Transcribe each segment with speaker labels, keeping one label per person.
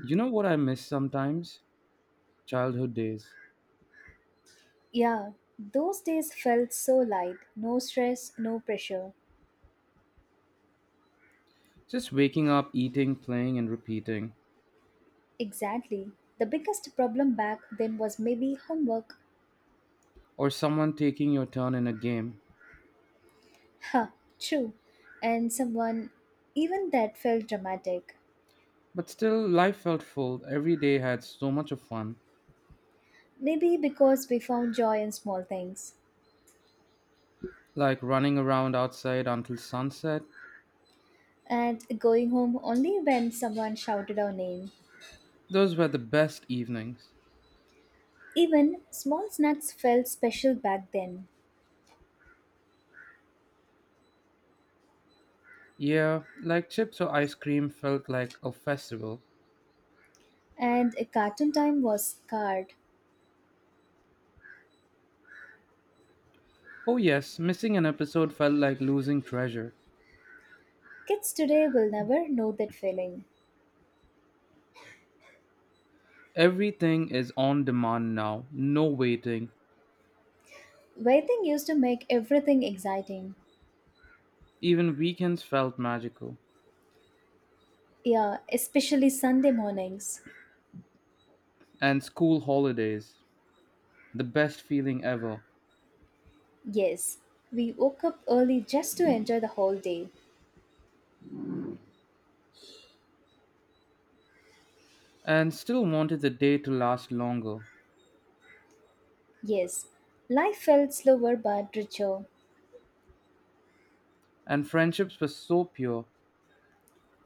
Speaker 1: You know what I miss sometimes? Childhood days.
Speaker 2: Yeah, those days felt so light. No stress, no pressure.
Speaker 1: Just waking up, eating, playing, and repeating.
Speaker 2: Exactly. The biggest problem back then was maybe homework.
Speaker 1: Or someone taking your turn in a game.
Speaker 2: Ha, true. And someone, even that felt dramatic.
Speaker 1: But still, life felt full. Every day had so much of fun.
Speaker 2: Maybe because we found joy in small things.
Speaker 1: Like running around outside until sunset.
Speaker 2: And going home only when someone shouted our name.
Speaker 1: Those were the best evenings.
Speaker 2: Even small snacks felt special back then.
Speaker 1: Yeah, like chips or ice cream felt like a festival.
Speaker 2: And cartoon time was scarred.
Speaker 1: Oh, yes, missing an episode felt like losing treasure.
Speaker 2: Kids today will never know that feeling.
Speaker 1: Everything is on demand now, no waiting.
Speaker 2: Waiting used to make everything exciting.
Speaker 1: Even weekends felt magical.
Speaker 2: Yeah, especially Sunday mornings.
Speaker 1: And school holidays, the best feeling ever,
Speaker 2: Yes, we woke up early just to enjoy the whole day.
Speaker 1: and still wanted the day to last longer.
Speaker 2: Yes, life felt slower but richer.
Speaker 1: And friendships were so pure,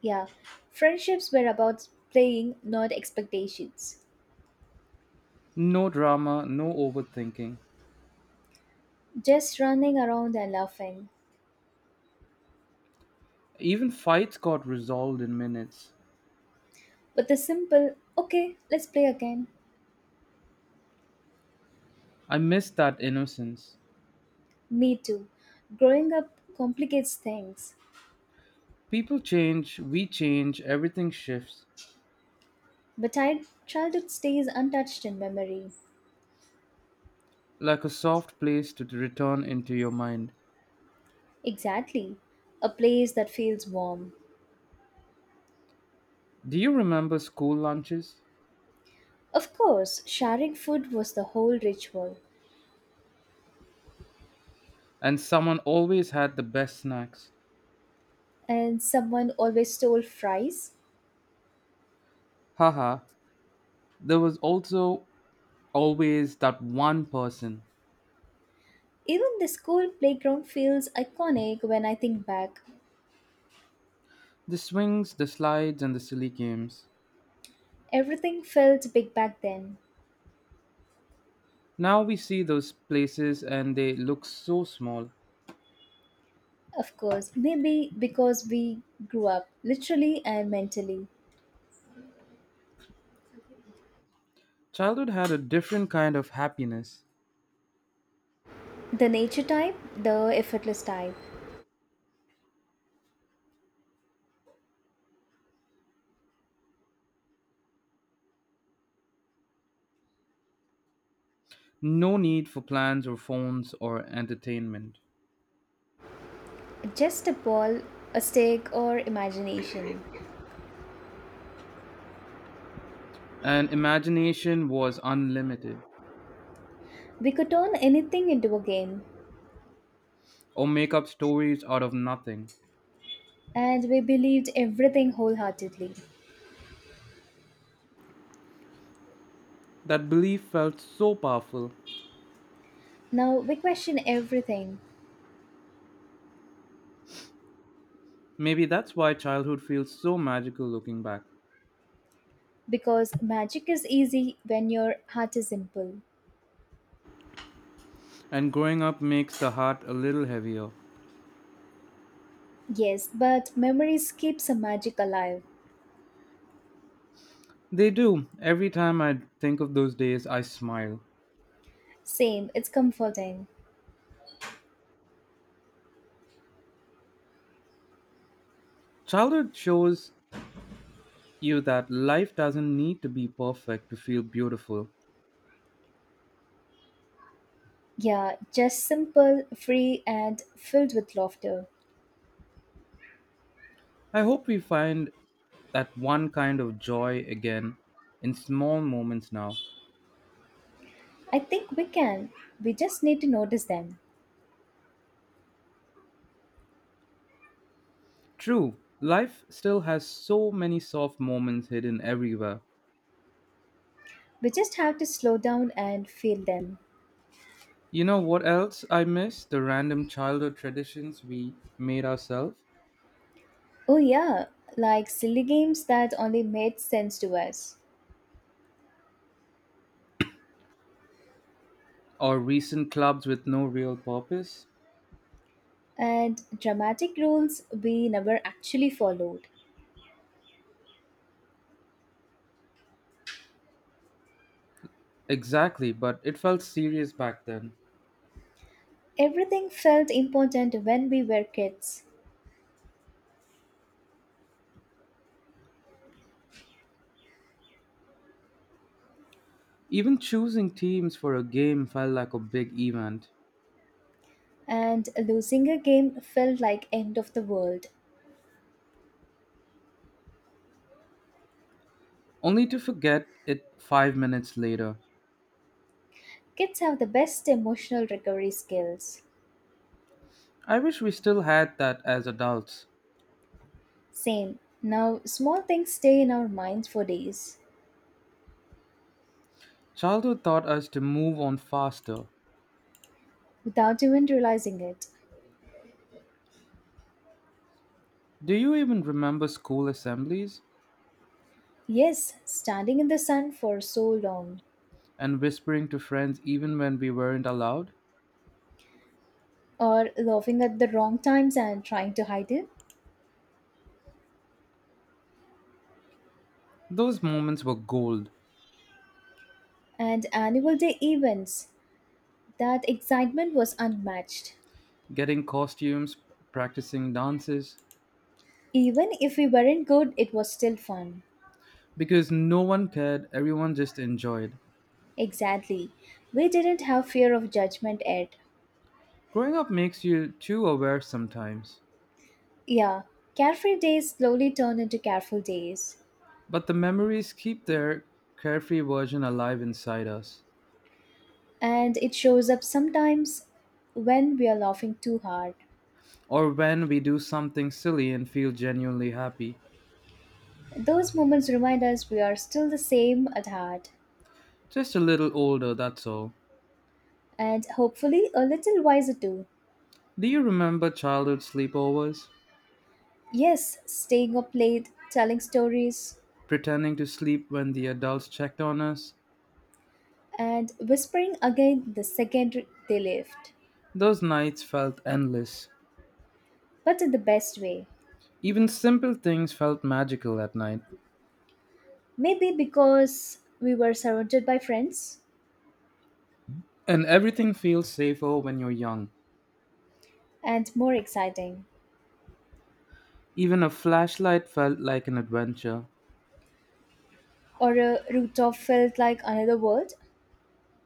Speaker 2: Yeah, friendships were about playing, not expectations.
Speaker 1: no drama, no overthinking.
Speaker 2: Just running around and laughing.
Speaker 1: Even fights got resolved in minutes.
Speaker 2: But the simple, okay, let's play again.
Speaker 1: I miss that innocence.
Speaker 2: Me too. Growing up complicates things.
Speaker 1: People change, we change, everything shifts,
Speaker 2: But childhood stays untouched in memory.
Speaker 1: like a soft place to return into your mind.
Speaker 2: Exactly. A place that feels warm.
Speaker 1: Do you remember school lunches?
Speaker 2: Of course, sharing food was the whole ritual,
Speaker 1: And someone always had the best snacks.
Speaker 2: and someone always stole fries.
Speaker 1: Haha, there was also always that one person.
Speaker 2: Even the school playground feels iconic when I think back.
Speaker 1: The swings, the slides, and the silly games.
Speaker 2: Everything felt big back then.
Speaker 1: Now we see those places and they look so small.
Speaker 2: Of course, maybe because we grew up literally and mentally.
Speaker 1: Childhood had a different kind of happiness.
Speaker 2: The nature type, the effortless type.
Speaker 1: No need for plans or phones or entertainment.
Speaker 2: Just a ball, a stick, or imagination.
Speaker 1: And imagination was unlimited.
Speaker 2: We could turn anything into a game.
Speaker 1: Or make up stories out of nothing.
Speaker 2: And we believed everything wholeheartedly.
Speaker 1: That belief felt so powerful.
Speaker 2: Now we question everything
Speaker 1: Maybe that's why childhood feels so magical looking back.
Speaker 2: because magic is easy when your heart is simple.
Speaker 1: And growing up makes the heart a little heavier.
Speaker 2: Yes, but memories keeps the magic alive.
Speaker 1: They do. Every time I think of those days, I smile.
Speaker 2: Same, it's comforting.
Speaker 1: Childhood shows you that life doesn't need to be perfect to feel beautiful.
Speaker 2: Yeah, just simple, free, and filled with laughter.
Speaker 1: I hope we find that one kind of joy again in small moments now.
Speaker 2: I think we can. We just need to notice them.
Speaker 1: True, life still has so many soft moments hidden everywhere.
Speaker 2: We just have to slow down and feel them.
Speaker 1: You know what else I miss? The random childhood traditions we made ourselves,
Speaker 2: Oh, yeah, like silly games that only made sense to us.
Speaker 1: or recent clubs with no real purpose.
Speaker 2: And dramatic rules we never actually followed.
Speaker 1: Exactly, but it felt serious back then.
Speaker 2: Everything felt important when we were kids,
Speaker 1: Even choosing teams for a game felt like a big event,
Speaker 2: and losing a game felt like end of the world.
Speaker 1: only to forget it 5 minutes later.
Speaker 2: Kids have the best emotional recovery skills.
Speaker 1: I wish we still had that as adults.
Speaker 2: Same. Now small things stay in our minds for days
Speaker 1: Childhood taught us to move on faster.
Speaker 2: without even realizing it.
Speaker 1: Do you even remember school assemblies
Speaker 2: Yes, standing in the sun for so long
Speaker 1: and whispering to friends even when we weren't allowed?
Speaker 2: or laughing at the wrong times and trying to hide it.
Speaker 1: Those moments were gold.
Speaker 2: And annual day events, that excitement was unmatched.
Speaker 1: Getting costumes, practicing dances,
Speaker 2: Even if we weren't good, it was still fun.
Speaker 1: because no one cared, everyone just enjoyed.
Speaker 2: Exactly. We didn't have fear of judgment yet.
Speaker 1: Growing up makes you too aware sometimes.
Speaker 2: Yeah, carefree days slowly turn into careful days.
Speaker 1: But the memories keep their carefree version alive inside us.
Speaker 2: And it shows up sometimes when we are laughing too hard.
Speaker 1: Or when we do something silly and feel genuinely happy.
Speaker 2: Those moments remind us we are still the same at heart.
Speaker 1: Just a little older, that's all.
Speaker 2: And hopefully a little wiser too.
Speaker 1: Do you remember childhood sleepovers?
Speaker 2: Yes, staying up late, telling stories,
Speaker 1: Pretending to sleep when the adults checked on us?
Speaker 2: and whispering again the second they left.
Speaker 1: Those nights felt endless.
Speaker 2: But in the best way.
Speaker 1: Even simple things felt magical at night.
Speaker 2: Maybe because we were surrounded by friends
Speaker 1: And everything feels safer when you're young.
Speaker 2: and more exciting.
Speaker 1: Even a flashlight felt like an adventure.
Speaker 2: Or a rooftop felt like another world.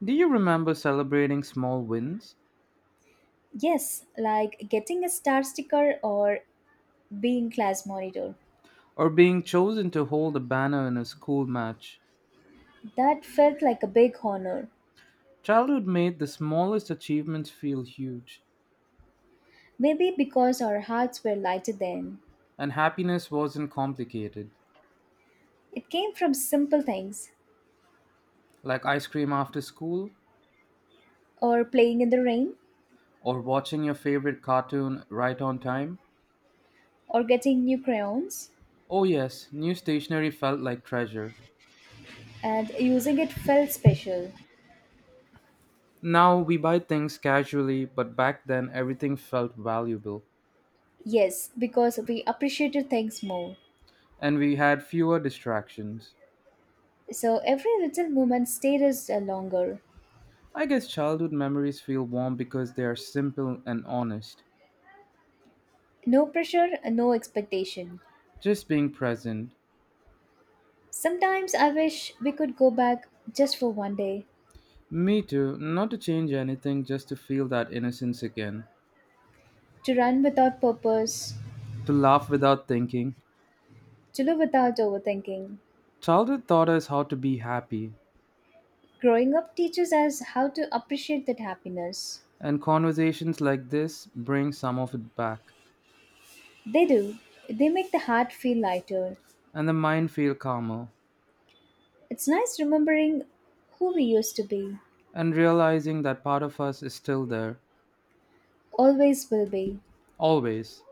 Speaker 1: Do you remember celebrating small wins?
Speaker 2: Yes, like getting a star sticker or being class monitor.
Speaker 1: Or being chosen to hold a banner in a school match.
Speaker 2: That felt like a big honor.
Speaker 1: Childhood made the smallest achievements feel huge,
Speaker 2: Maybe because our hearts were lighter then.
Speaker 1: and happiness wasn't complicated,
Speaker 2: It came from simple things,
Speaker 1: like ice cream after school
Speaker 2: or playing in the rain,
Speaker 1: or watching your favorite cartoon right on time.
Speaker 2: or getting new crayons,
Speaker 1: Oh, yes, new stationery felt like treasure.
Speaker 2: and using it felt special.
Speaker 1: Now we buy things casually, but back then everything felt valuable,
Speaker 2: Yes, because we appreciated things more.
Speaker 1: and we had fewer distractions.
Speaker 2: So every little moment stayed us longer.
Speaker 1: I guess childhood memories feel warm because they are simple and honest,
Speaker 2: No pressure, no expectation.
Speaker 1: just being present.
Speaker 2: Sometimes I wish we could go back just for one day
Speaker 1: Me too. Not to change anything, just to feel that innocence again.
Speaker 2: to run without purpose,
Speaker 1: To laugh without thinking.
Speaker 2: to live without overthinking.
Speaker 1: Childhood taught us how to be happy,
Speaker 2: Growing up teaches us how to appreciate that happiness.
Speaker 1: and conversations like this bring some of it back,
Speaker 2: They do. They make the heart feel lighter.
Speaker 1: and the mind feel calmer,
Speaker 2: It's nice remembering who we used to be,
Speaker 1: and realizing that part of us is still there,
Speaker 2: always will be.
Speaker 1: always.